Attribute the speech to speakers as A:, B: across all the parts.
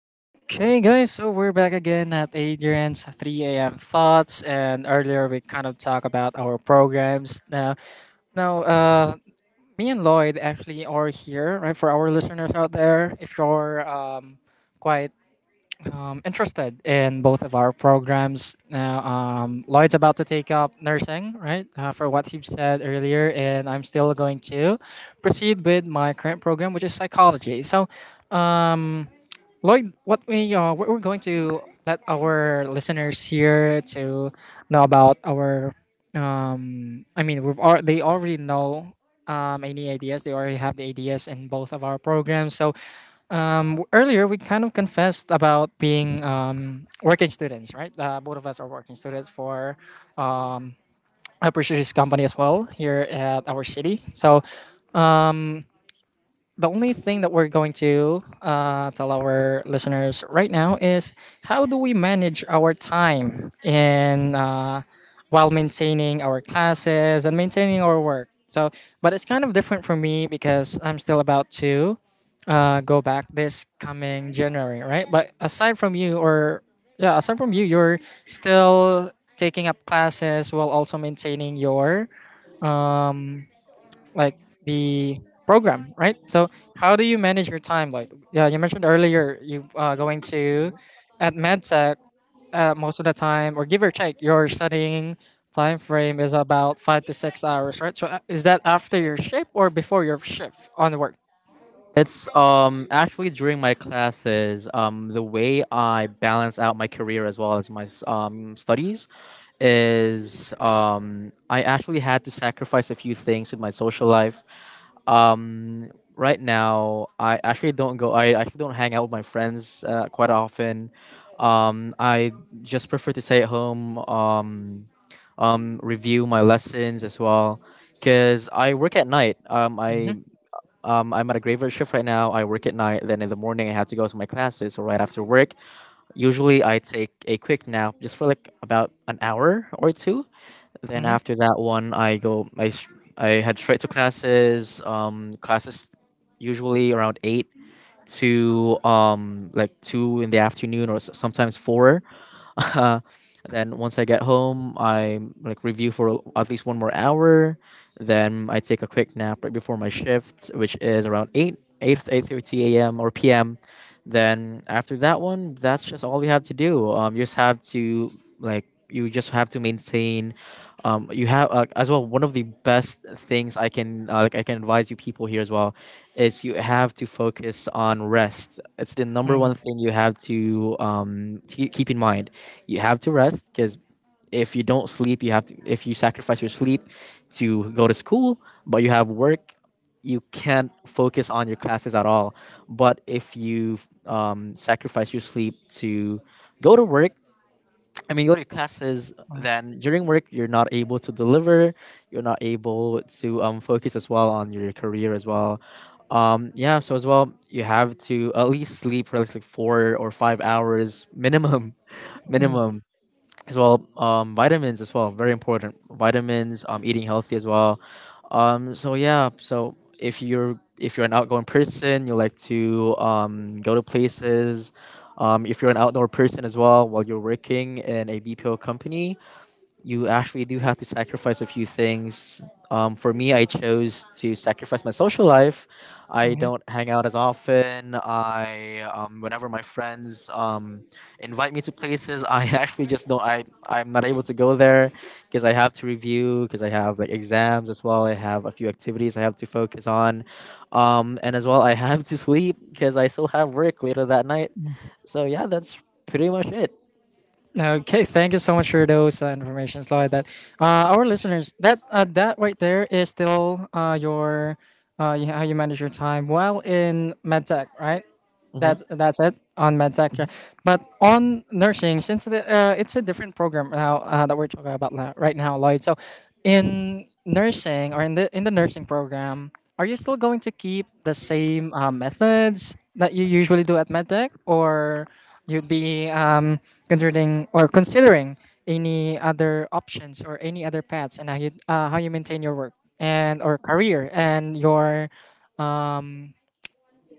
A: Okay, guys, so we're back again at Adrian's 3 a.m. thoughts, and earlier we kind of talked about our programs. Now, me and Lloyd actually are here, right? For our listeners out there, if you're quite interested in both of our programs, now Lloyd's about to take up nursing, right? For what he said earlier, and I'm still going to proceed with my current program, which is psychology. Um, Lloyd, what we're going to let our listeners here to know about our, they already know any ideas, they already have the ideas in both of our programs. So earlier we kind of confessed about being working students, right? Both of us are working students for a prestigious company as well here at our city. So the only thing that we're going to tell our listeners right now is how do we manage our time in while maintaining our classes and maintaining our work. So, but it's kind of different for me because I'm still about to go back this coming January, right? But aside from you, or yeah, aside from you, you're still taking up classes while also maintaining your um, like the program, right? So how do you manage your time? Like yeah, you mentioned earlier you going to at medtech most of the time, or give or take, your studying time frame is about 5 to 6 hours, right? So is that after your shift or before your shift on work?
B: It's actually during my classes, the way I balance out my career as well as my studies is, I actually had to sacrifice a few things with my social life. Um right now, I actually don't hang out with my friends quite often. I just prefer to stay at home, review my lessons as well because I work at night.
A: Mm-hmm.
B: I'm at a graveyard shift right now. I work at night. Then in the morning, I have to go to my classes. So right after work, usually I take a quick nap just for like about an hour or two. Then
A: Mm-hmm.
B: after that one, I go. I head straight to classes. Classes usually around eight to like two in the afternoon, or sometimes four. Uh, then once I get home, I like review for at least one more hour. Then I take a quick nap right before my shift, which is around 8:30 a.m. or p.m. Then after that one, that's just all we have to do. You just have to Like, you just have to maintain. You have As well, one of the best things I can I can advise you people here as well is you have to focus on rest. It's the number
A: Mm-hmm.
B: one thing you have to keep in mind. You have to rest because if you don't sleep, you have to if you sacrifice your sleep to go to school, but you have work, you can't focus on your classes at all. But if you sacrifice your sleep to go to work, I mean, go to your classes, then during work, you're not able to deliver. You're not able to focus as well on your career as well. Yeah, so as well, you have to at least sleep for like 4 or 5 hours minimum,
A: Mm-hmm.
B: minimum as well. Vitamins as well, very important vitamins. Eating healthy as well. So yeah, so if you're an outgoing person, you like to go to places. If you're an outdoor person as well, while you're working in a BPO company, you actually do have to sacrifice a few things. For me, I chose to sacrifice my social life. I don't hang out as often. I Whenever my friends invite me to places, I actually just don't. I'm not able to go there because I have to review, because I have like exams as well. I have a few activities I have to focus on, and as well I have to sleep because I still have work later that night. So yeah, that's pretty much it.
A: Okay, thank you so much for those informations like that. Our listeners, that right there is still how you manage your time while in medtech, right?
B: Mm-hmm.
A: That's it on medtech, yeah. But on nursing, since it's a different program now that we're talking about now, right now, Lloyd. So, in nursing or in the nursing program, are you still going to keep the same methods that you usually do at medtech, or you'd be considering any other options or any other paths and how you maintain your work and or career and your um,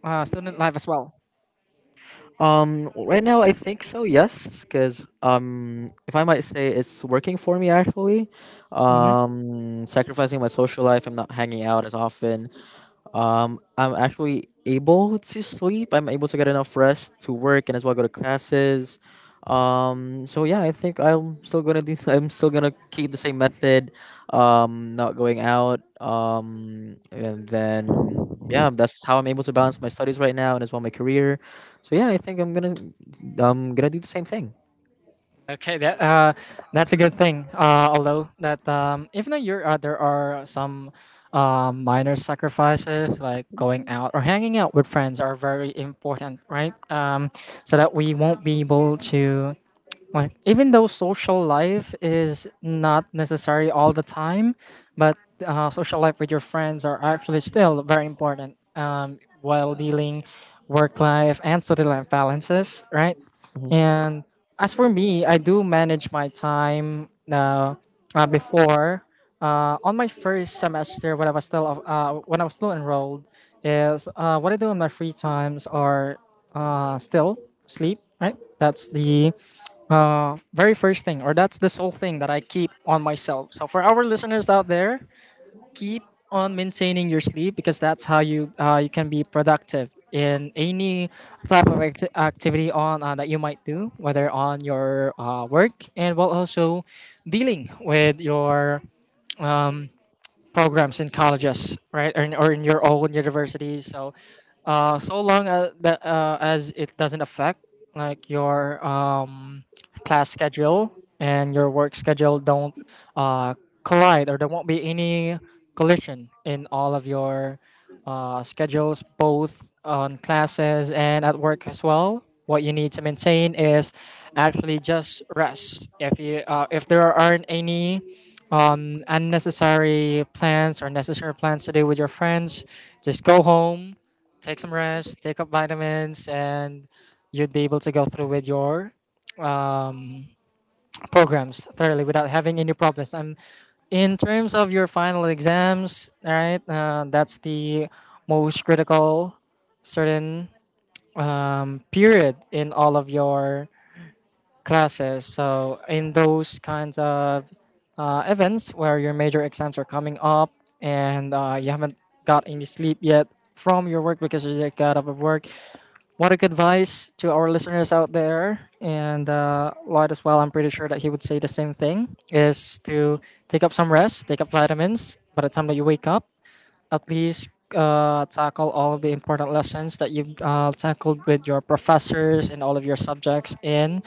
A: student life as well?
B: Right now, I think so. Yes, because if I might say, it's working for me actually. Sacrificing my social life, I'm not hanging out as often. I'm actually able to sleep. I'm able to get enough rest to work and as well go to classes. So yeah, I think I'm still gonna do. I'm still gonna keep the same method. Not going out. And then yeah, that's how I'm able to balance my studies right now and as well my career. So yeah, I think I'm gonna do the same thing.
A: Okay, that's a good thing. Although that even though you're there are some minor sacrifices like going out or hanging out with friends are very important, right? So that we won't be able to, like, even though social life is not necessary all the time, but social life with your friends are actually still very important while dealing work life and social life balances, right?
B: Mhm.
A: And as for me, I do manage my time now. Before, on my first semester, when I was still enrolled, is what I do in my free times are still sleep. Right, that's the very first thing, or that's the sole thing that I keep on myself. So for our listeners out there, keep on maintaining your sleep because that's how you you can be productive in any type of activity on that you might do, whether on your work and while also dealing with your programs in colleges, right, or in your own universities. So, so long as as it doesn't affect like your class schedule and your work schedule don't uh, collide, or there won't be any collision in all of your schedules, both on classes and at work as well. What you need to maintain is actually just rest. If you if there aren't any unnecessary plans or necessary plans to do with your friends. Just go home, take some rest, take up vitamins, and you'd be able to go through with your um, programs thoroughly without having any problems. In terms of your final exams, all right, that's the most critical certain period in all of your classes. So in those kinds of events where your major exams are coming up and you haven't got any sleep yet from your work because you just got out of work, what a good advice to our listeners out there and Lloyd as well. I'm pretty sure that he would say the same thing: is to take up some rest, take up vitamins. By the time that you wake up, at least tackle all of the important lessons that you've tackled with your professors and all of your subjects in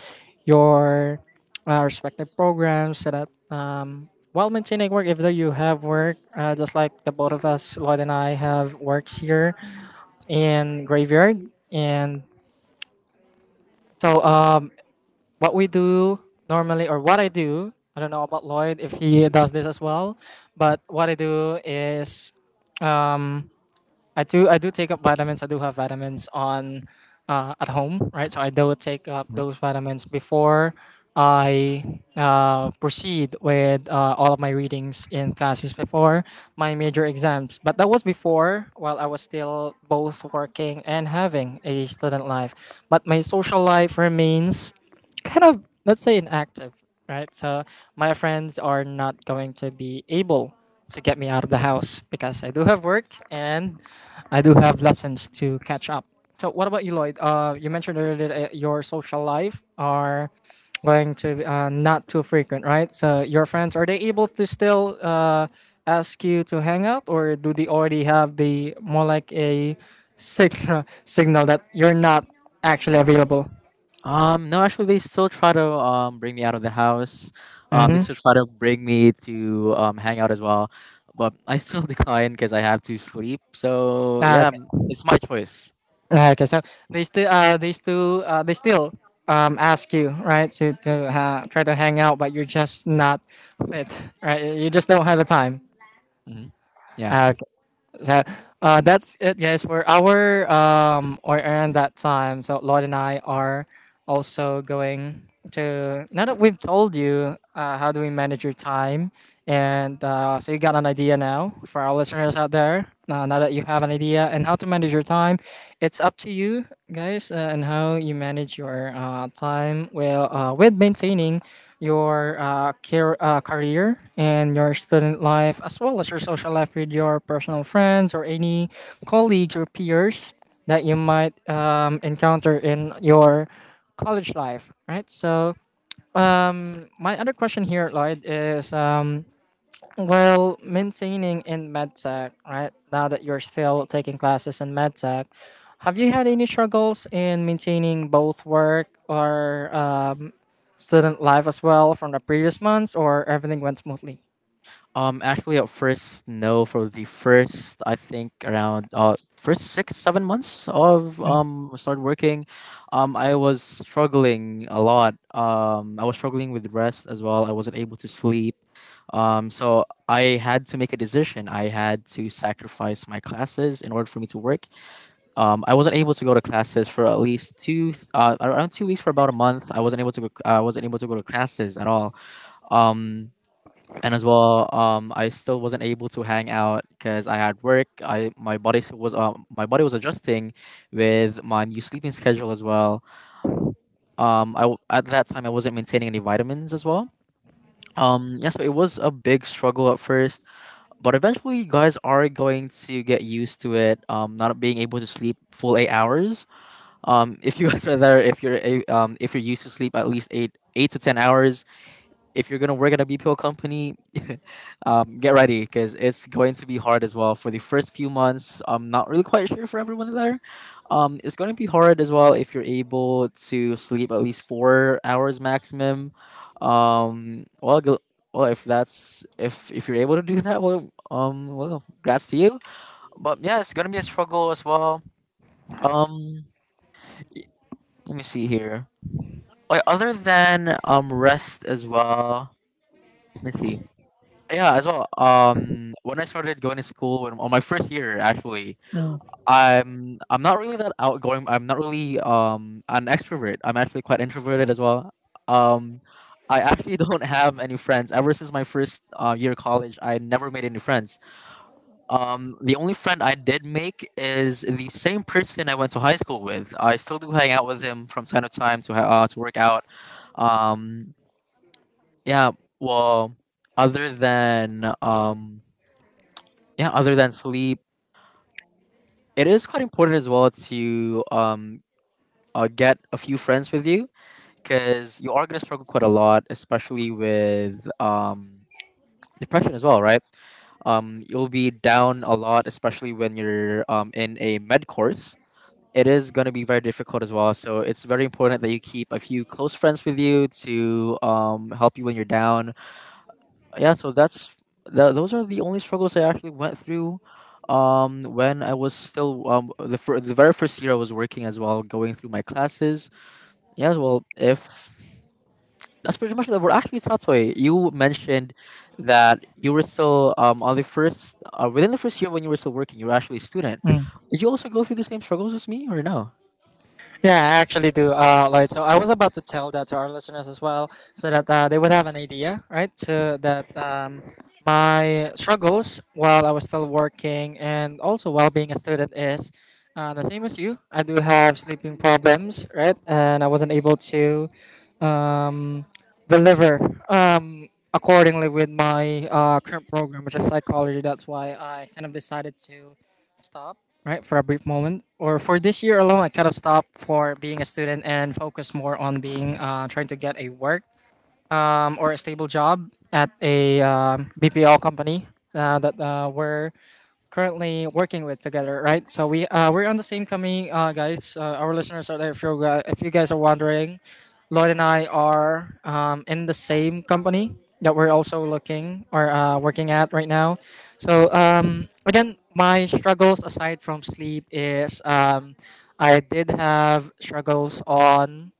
A: your respective programs so that while maintaining work, even though you have work, just like the both of us, Lloyd and I have works here in graveyard. And so what we do normally, or what I do, I don't know about Lloyd if he does this as well, but what I do is um, I do take up vitamins. I do have vitamins on at home, right? So I do take up those vitamins before I proceed with all of my readings in classes before my major exams. But that was before, while I was still both working and having a student life. But my social life remains kind of, let's say, inactive, right? So my friends are not going to be able to get me out of the house because I do have work and I do have lessons to catch up. So, what about you, Lloyd? You mentioned earlier that your social life are going to not too frequent, right? So, your friends are they able to still ask you to hang out, or do they already have the more like a signal signal that you're not actually available?
B: No, actually, they still try to bring me out of the house. They
A: Mm-hmm.
B: still try to bring me to hang out as well, but I still decline because I have to sleep. So yeah, it's my choice.
A: Okay, so they still ask you, right, to try to hang out, but you're just not fit, right? You just don't have the time.
B: Hmm. Yeah.
A: Okay, so that's it, guys. For our or around that time, so Lloyd and I are also going to. Now that we've told you how do we manage your time, and so you got an idea now for our listeners out there. Now that you have an idea and how to manage your time, it's up to you guys, and how you manage your time well with maintaining your career and your student life as well as your social life with your personal friends or any colleagues or peers that you might encounter in your college life, right? So my other question here, Lloyd, is well, maintaining in medtech, right? Now that you're still taking classes in medtech, have you had any struggles in maintaining both work or student life as well from the previous months, or everything went smoothly?
B: Actually, at first, no. For the first, I think around first 6-7 months of start working, I was struggling a lot. I was struggling with rest as well. I wasn't able to sleep. So I had to make a decision. I had to sacrifice my classes in order for me to work. I wasn't able to go to classes for at least around 2 weeks for about a month. I wasn't able to go. I wasn't able to go to classes at all. Um, and as well, I still wasn't able to hang out because I had work. I my body s- was My body was adjusting with my new sleeping schedule as well. At that time, I wasn't maintaining any vitamins as well. Yeah, so it was a big struggle at first, but eventually you guys are going to get used to it, not being able to sleep full 8 hours. If you guys are there, if you're used to sleep at least 8 to 10 hours. If you're gonna work at a BPO company, get ready because it's going to be hard as well for the first few months. I'm not really quite sure for everyone there. It's going to be hard as well if you're able to sleep at least 4 hours maximum. Well, well, if that's, if you're able to do that, well, well, congrats to you. But yeah, it's gonna be a struggle as well. Um, Let me see here. Oh, yeah, other than rest as well. Let me see. Yeah, as well. When I started going to school, on my first year, actually,
A: Mm.
B: I'm not really that outgoing. I'm not really an extrovert. I'm actually quite introverted as well. Um, I actually don't have any friends ever since my first year of college. I never made any friends. The only friend I did make is the same person I went to high school with. I still do hang out with him from time to time to work out. Um, yeah. Well, other than um yeah other than sleep, it is quite important as well to get a few friends with you because you are going to struggle quite a lot, especially with depression as well, right? You'll be down a lot, especially when you're in a med course. It is going to be very difficult as well, so it's very important that you keep a few close friends with you to help you when you're down. Yeah, so those are the only struggles I actually went through when I was still, the very first year I was working as well going through my classes. Yes, well, if that's pretty much the word. Actually, Tatsuya, you mentioned that you were still on the first within the first year when you were still working, you were actually a student. Did you also go through the same struggles as me or no?
A: Yeah, I actually do. Lloyd. So I was about to tell that to our listeners as well, so that they would have an idea, right? So that my struggles while I was still working and also while being a student is the same as you. I do have sleeping problems, right? And I wasn't able to um, deliver accordingly with my current program, which is psychology. That's why I kind of decided to stop, right, for a brief moment. Or for this year alone, I kind of stopped for being a student and focus more on being trying to get a work or a stable job at a BPL company that where currently working with together, right? So we we're on the same company, guys. Our listeners are there. If you guys are wondering, Lloyd and I are in the same company that we're also looking or working at right now. So again, my struggles aside from sleep is I did have struggles on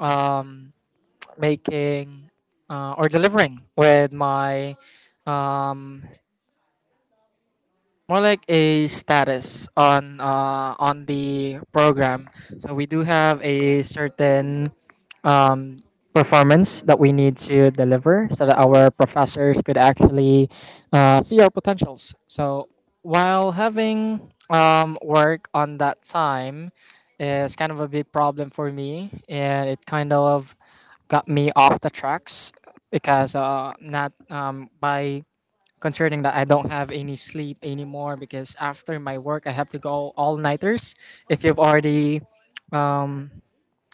A: um, making or delivering with my um, more like a status on the program. So we do have a certain um, performance that we need to deliver so that our professors could actually see our potentials. So while having work on that time is kind of a big problem for me, and it kind of got me off the tracks because not by concerning that I don't have any sleep anymore because after my work I have to go all nighters. If you've already um,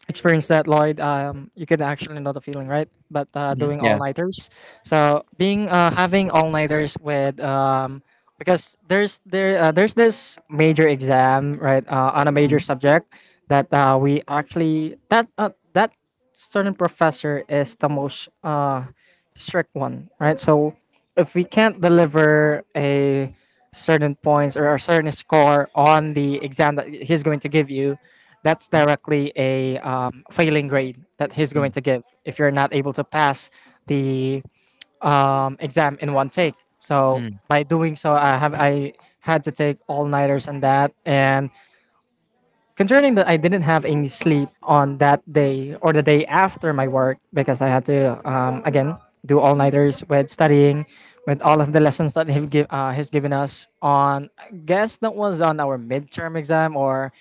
A: experienced that, Lloyd, you could actually know the feeling, right? But
B: Hmm.
A: doing all
B: Yeah.
A: nighters, so being having all nighters with because there's this major exam, on a major
B: Mm-hmm.
A: subject that we actually that that certain professor is the most strict one, right? So if we can't deliver a certain points or a certain score on the exam that he's going to give you, that's directly a failing grade that he's going to give if you're not able to pass the exam in one take. So
B: Mm-hmm.
A: by doing so, I had to take all nighters and that, and concerning that I didn't have any sleep on that day or the day after my work because I had to again do all nighters with studying, with all of the lessons that he've give, he's given us on I guess that was on our midterm exam or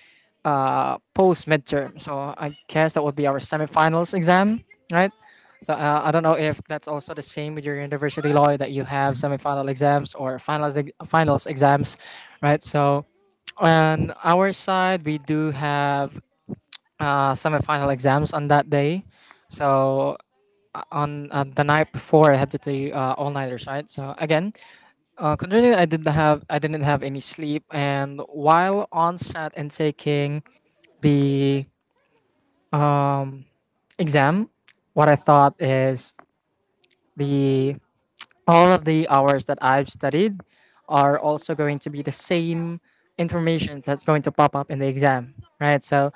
A: post midterm. So I guess that would be our semifinals exam, right? So I don't know if that's also the same with your university law that you have semifinal exams or finals exams, right? So on our side, we do have semifinal exams on that day. So on the night before, I had to do all nighters, right? So again, considering I didn't have any sleep, and while on set and taking the um, exam, what I thought is the all of the hours that I've studied are also going to be the same information that's going to pop up in the exam, right? So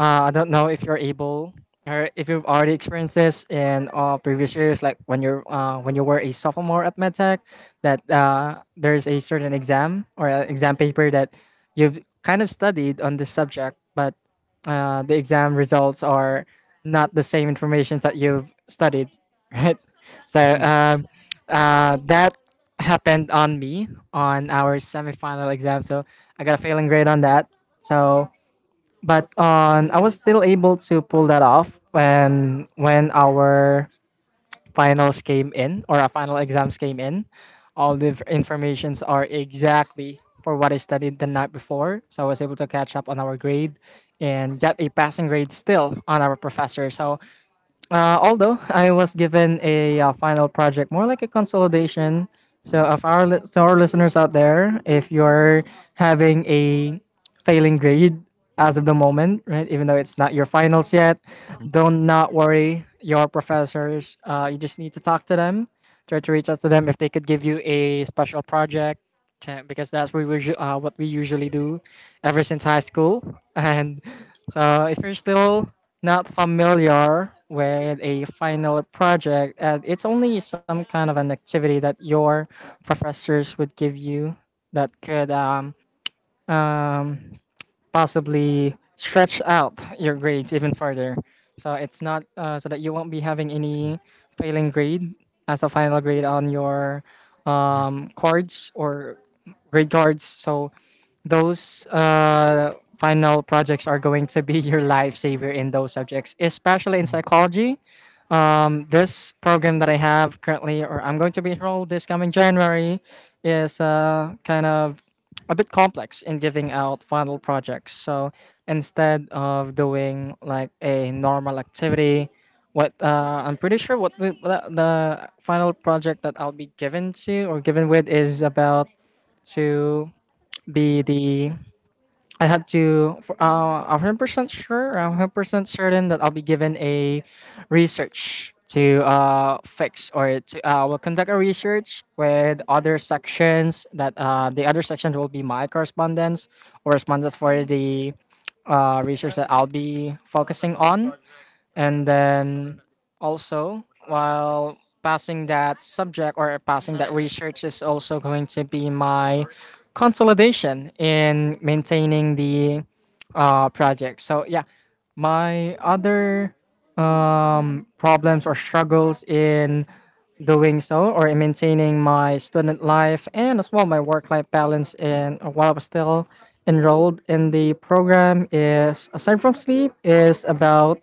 A: I don't know if you're able or if you've already experienced this in previous years, like when you're when you were a sophomore at MedTech, that there's a certain exam or a exam paper that you've kind of studied on this subject, but the exam results are not the same information that you've studied, right? So that happened on me on our semifinal exam. So I got a failing grade on that. So, but on I was still able to pull that off when our finals came in or our final exams came in. All the informations are exactly for what I studied the night before. So I was able to catch up on our grade and get a passing grade still on our professor. So although I was given a final project, more like a consolidation. So, of our to our listeners out there, if you're having a failing grade as of the moment, right, even though it's not your finals yet,
B: Mm-hmm.
A: don't not worry. Your professors, you just need to talk to them, try to reach out to them if they could give you a special project, because that's what we usually do ever since high school, and so if you're still not familiar with a final project, it's only some kind of an activity that your professors would give you that could um, possibly stretch out your grades even further. So it's not so that you won't be having any failing grade as a final grade on your cards or grade cards. So those final projects are going to be your lifesaver in those subjects, especially in psychology. This program that I have currently, or I'm going to be enrolled this coming January, is kind of a bit complex in giving out final projects. So instead of doing like a normal activity, what I'm pretty sure what the final project that I'll be given to or given with is about to be the I had to, for, 100% sure, 100% certain that I'll be given a research to fix or to, will conduct a research with other sections that the other sections will be my correspondence, correspondence for the research that I'll be focusing on, and then also while passing that subject or passing that research is also going to be my consolidation in maintaining the project. So yeah, my other problems or struggles in doing so or in maintaining my student life and as well my work life balance in while I was still enrolled in the program is aside from sleep is about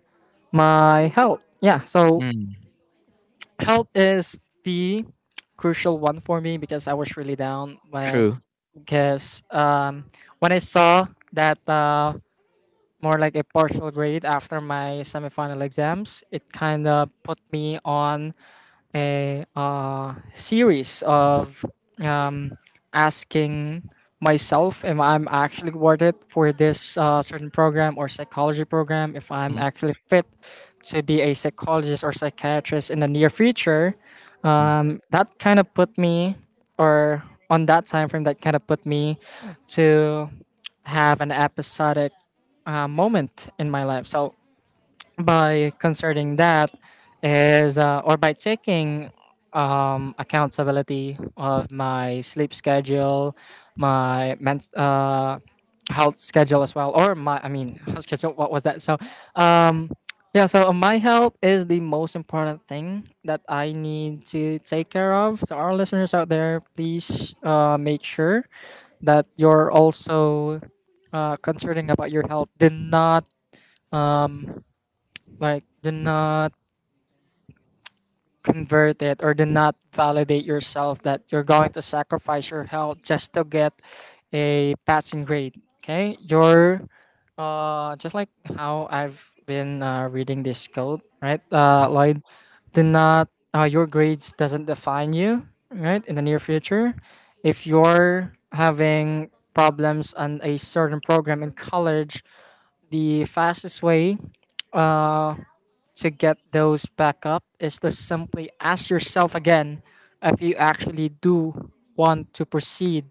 A: my health. Yeah, so
B: Mm-hmm.
A: health is the crucial one for me because I was really down when
B: True.
A: because when I saw that more like a partial grade after my semifinal exams, it kind of put me on a series of um, asking myself if I'm actually worth it for this certain program or psychology program, if I'm actually fit to be a psychologist or psychiatrist in the near future. That kind of put me, or on that time frame, that kind of put me to have an episodic moment in my life. So by concerning that is or by taking accountability of my sleep schedule, my health schedule as well, or my, I mean, health schedule, what was that? So um, yeah, so my health is the most important thing that I need to take care of. So, our listeners out there, please make sure that you're also concerning about your health. Do not um, like, do not convert it or do not validate yourself that you're going to sacrifice your health just to get a passing grade. Okay, you're just like how I've been reading this code, right, Lloyd? Do not your grades doesn't define you, right, in the near future. If you're having problems on a certain program in college, the fastest way uh, to get those back up is to simply ask yourself again if you actually do want to proceed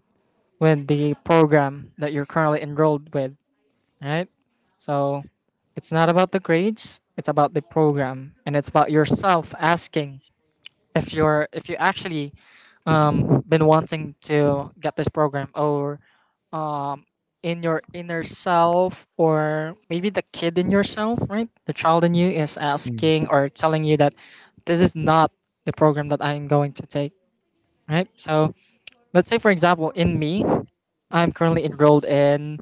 A: with the program that you're currently enrolled with, right? So it's not about the grades, it's about the program and it's about yourself asking if you're if you actually been wanting to get this program, or in your inner self, or maybe the kid in yourself, right, the child in you is asking or telling you that this is not the program that I'm going to take, right? So let's say, for example, in me, I'm currently enrolled in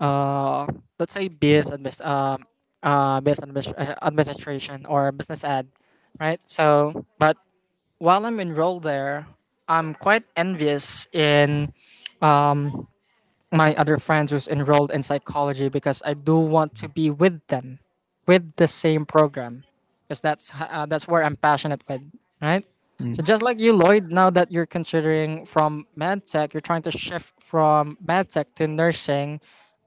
A: uh let's say administration or business ad, right? So but while I'm enrolled there, I'm quite envious in um, my other friends who's enrolled in psychology because I do want to be with them, with the same program, because that's where I'm passionate with, right? So
B: Mm-hmm.
A: just like you, Lloyd, now that you're considering from medtech, you're trying to shift from medtech to nursing.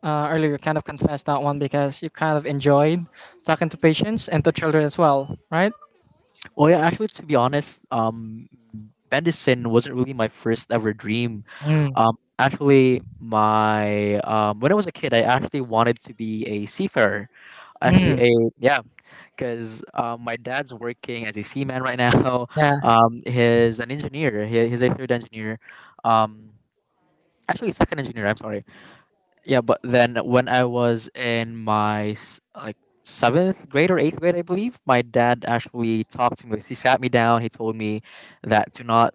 A: Earlier, you kind of confessed that one because you kind of enjoyed talking to patients and to children as well, right?
B: Oh yeah, actually, to be honest, medicine wasn't really my first ever dream.
A: Mm,
B: Actually, my when I was a kid, I actually wanted to be a seafarer. Actually,
A: mm,
B: a yeah, because my dad's working as a seaman right now.
A: yeah.
B: He's an engineer. He's a third engineer. Um, Actually, second engineer. I'm sorry. Yeah, but then when I was in my like seventh grade or eighth grade, I believe, my dad actually talked to me. He sat me down, he told me that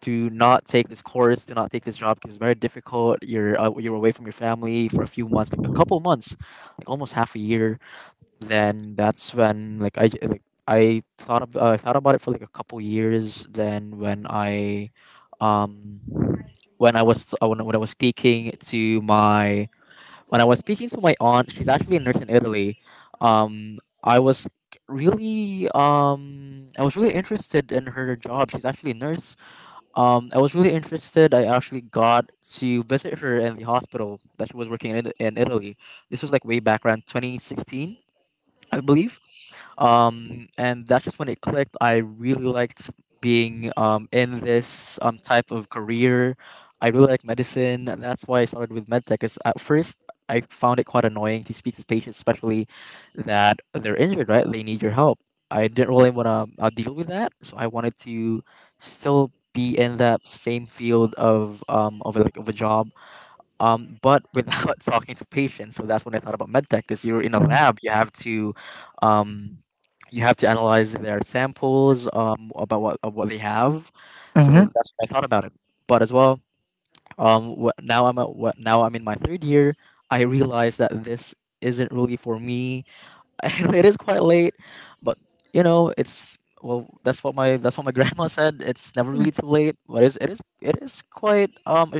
B: to not take this course, to not take this job because it's very difficult. You're away from your family for a few months, like a couple months, like almost half a year. Then that's when, like, I thought about it for like a couple years. Then um when I was when I was speaking to my when I was speaking to my aunt, she's actually a nurse in Italy. Um, I was I was really interested in her job. She's actually a nurse. I was really interested. I actually got to visit her in the hospital that she was working in Italy. This was like way back around 2016, I believe. And that's just when it clicked. I really liked being, in this type of career. I really like medicine. That's why I started with medtech. Because at first I found it quite annoying to speak to patients, especially that they're injured. Right, they need your help. I didn't really want to deal with that, so I wanted to still be in that same field of a, like of a job, but without talking to patients. So that's when I thought about medtech because you're in a
A: Mm,
B: lab, um, you have to analyze their samples, about what they have. So
A: mhm.
B: that's what I thought about it. But as well, what, now I'm at, what, now I'm in my third year. I realize that this isn't really for me. It is quite late, but it's, well, that's what my grandma said, it's never really too late. But it is quite, um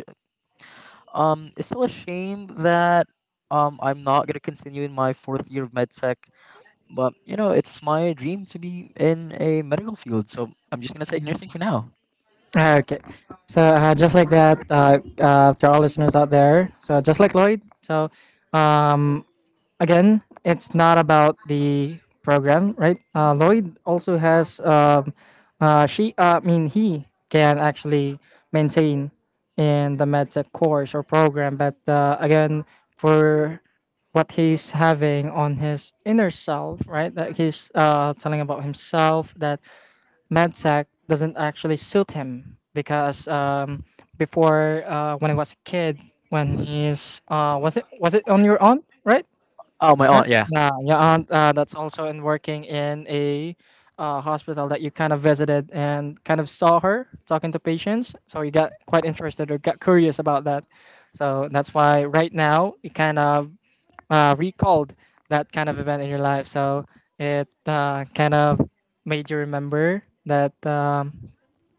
B: um, it's still a shame that I'm not gonna continue in my fourth year of med tech, but you know it's my dream to be in a medical field, so I'm just gonna take nursing for now.
A: Ah, okay. So just like that, to our listeners out there, so just like Lloyd, so again, it's not about the program, right? Lloyd also has, she, I mean, he can actually maintain in the medtech course or program, but again, for what he's having on his inner self, right? That he's telling about himself that medtech doesn't actually suit him because before when he was a kid, when he's was it on your aunt, right?
B: Oh, my
A: Right?
B: aunt, yeah,
A: Yeah, your aunt that's also in working in a hospital that you kind of visited and kind of saw her talking to patients. So you got quite interested or got curious about that. So that's why right now you kind of recalled that kind of event in your life. So it kind of made you remember that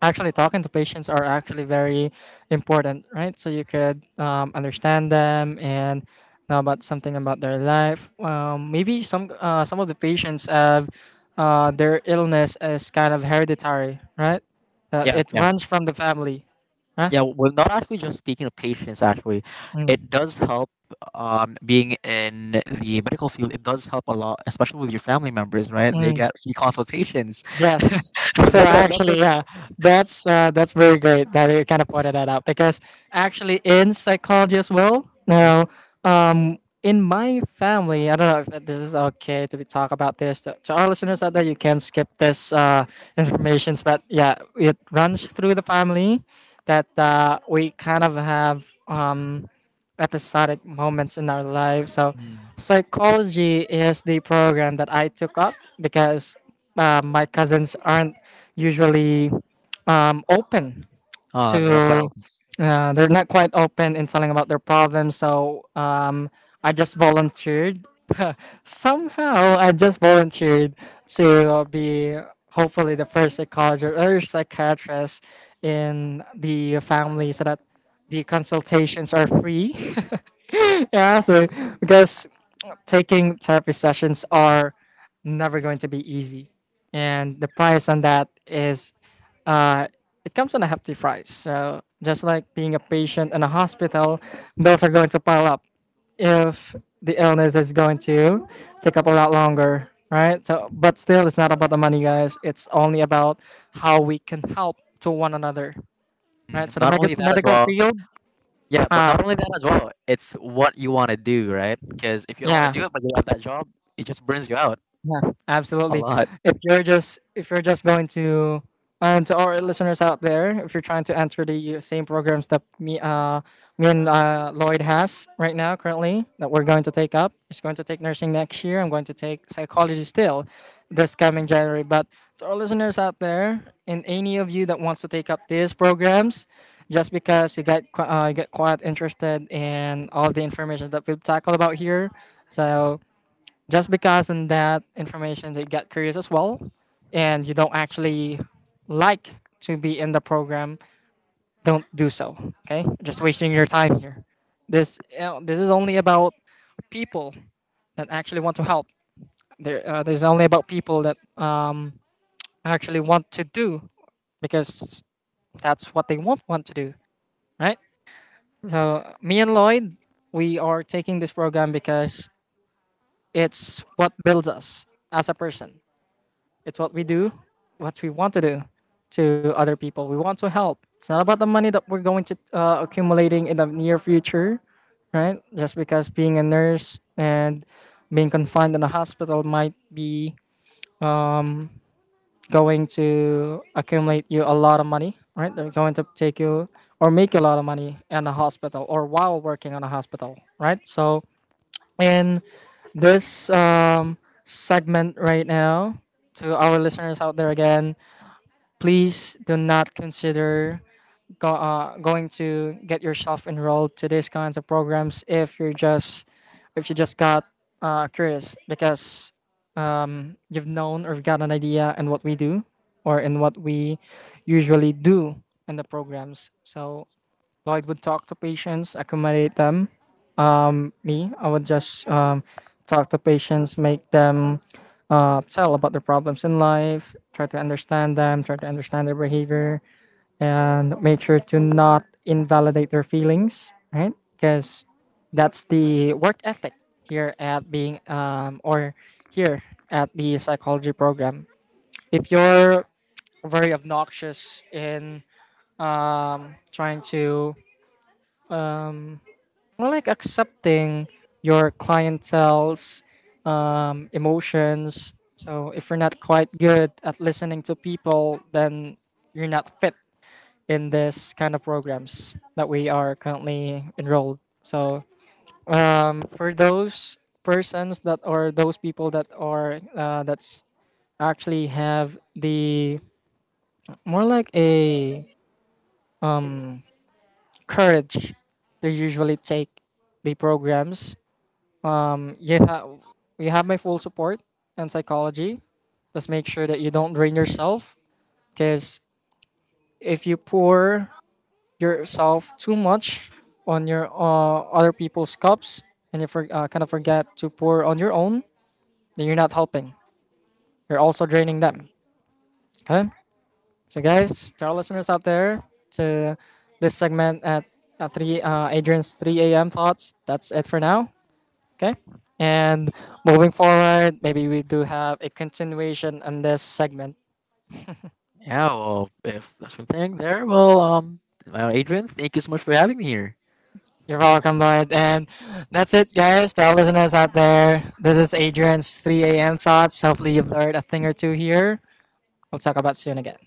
A: actually talking to patients are actually very important, right? So you could understand them and know about something about their life. Maybe some of the patients have their illness is kind of hereditary, right?
B: yeah,
A: It
B: yeah,
A: runs from the family, huh?
B: yeah. We're not actually just speaking of patients. Actually, it
A: Mm.
B: does help. Being in the medical field, it does help a lot, especially with your family members, right? They
A: Mm.
B: get free consultations.
A: Yes. So
B: That's
A: actually,
B: what—
A: yeah, that's very great that you kind of pointed that out because actually in psychology as well.
B: Mm,
A: Now, in my family, I don't know if this is okay to be talk about this to our listeners out there. You can skip this informations, but yeah, it runs through the family that we kind of have episodic moments in our lives. So
B: mm.
A: psychology is the program that I took up because my cousins aren't usually open
B: Ah, they're not quite
A: to.
B: open.
A: They're not quite open in telling about their problems, so I just volunteered. Somehow, I just volunteered to be hopefully the first psychologist or psychiatrist in the family, so that the consultations are free. Yeah, so because taking therapy sessions are never going to be easy. And the price on that is, uh, it comes on a hefty price. So just like being a patient in a hospital, bills are going to pile up if the illness is going to take up a lot longer, right? So, but still, it's not about the money, guys. It's only about how we can help to one another, right?
B: Mm.
A: So the
B: Not only that as
A: medical
B: well.
A: field,
B: Yeah, but
A: uh,
B: not only that as well, it's what you want to do, right? Because if you don't want to
A: yeah.
B: do it, but you have that job, it just burns you out
A: Yeah,
B: a
A: absolutely.
B: lot.
A: If you're just going to, and to our listeners out there, if you're trying to enter the same programs that me and Lloyd has right now currently that we're going to take up, he's going to take nursing next year. I'm going to take psychology still this coming January. But to our listeners out there, and any of you that wants to take up these programs, just because you got quite interested in all the information that we've tackled about here, so just because in that information they get curious as well and you don't actually like to be in the program, don't do so. Okay? Just wasting your time here. This is only about people that actually want to help there. This is only about people that actually want to do, because that's what they want to do, right? So me and Lloyd, we are taking this program because it's what builds us as a person. It's what we do, what we want to do to other people. We want to help. It's not about the money that we're going to accumulating in the near future, right? Just because being a nurse and being confined in a hospital might be going to accumulate you a lot of money, right? They're going to take you or make you a lot of money in a hospital or while working on a hospital, right? So in this segment right now, to our listeners out there again, please do not consider going to get yourself enrolled to these kinds of programs if you're just if you just got curious because you've known or got an idea in what we do, or in what we usually do in the programs. So Lloyd would talk to patients, accommodate them. Me, I would just talk to patients, make them tell about their problems in life, try to understand them, try to understand their behavior, and make sure to not invalidate their feelings, right? Because that's the work ethic here at being, um, or here at the psychology program. If you're very obnoxious in trying to, more like, accepting your clientele's emotions. So if you're not quite good at listening to people, then you're not fit in this kind of programs that we are currently enrolled. So for those people that are, that's actually have the, more like, a courage to usually take the programs. Um, you have you have my full support and psychology. Let's make sure that you don't drain yourself, because if you pour yourself too much on your other people's cups, and you kind of forget to pour on your own, then you're not helping, you're also draining them. Okay? So, guys, to our listeners out there, to this segment at, 3, Adrian's 3 a.m thoughts, that's it for now. Okay? And moving forward, maybe we do have a continuation on this segment.
B: Yeah, well, if that's your thing there, well, well, Adrian, thank you so much for having me here.
A: You're welcome, Lloyd. And that's it, guys. To our listeners out there, this is Adrian's 3 a.m. thoughts. Hopefully, you've learned a thing or two here. We'll talk about soon again.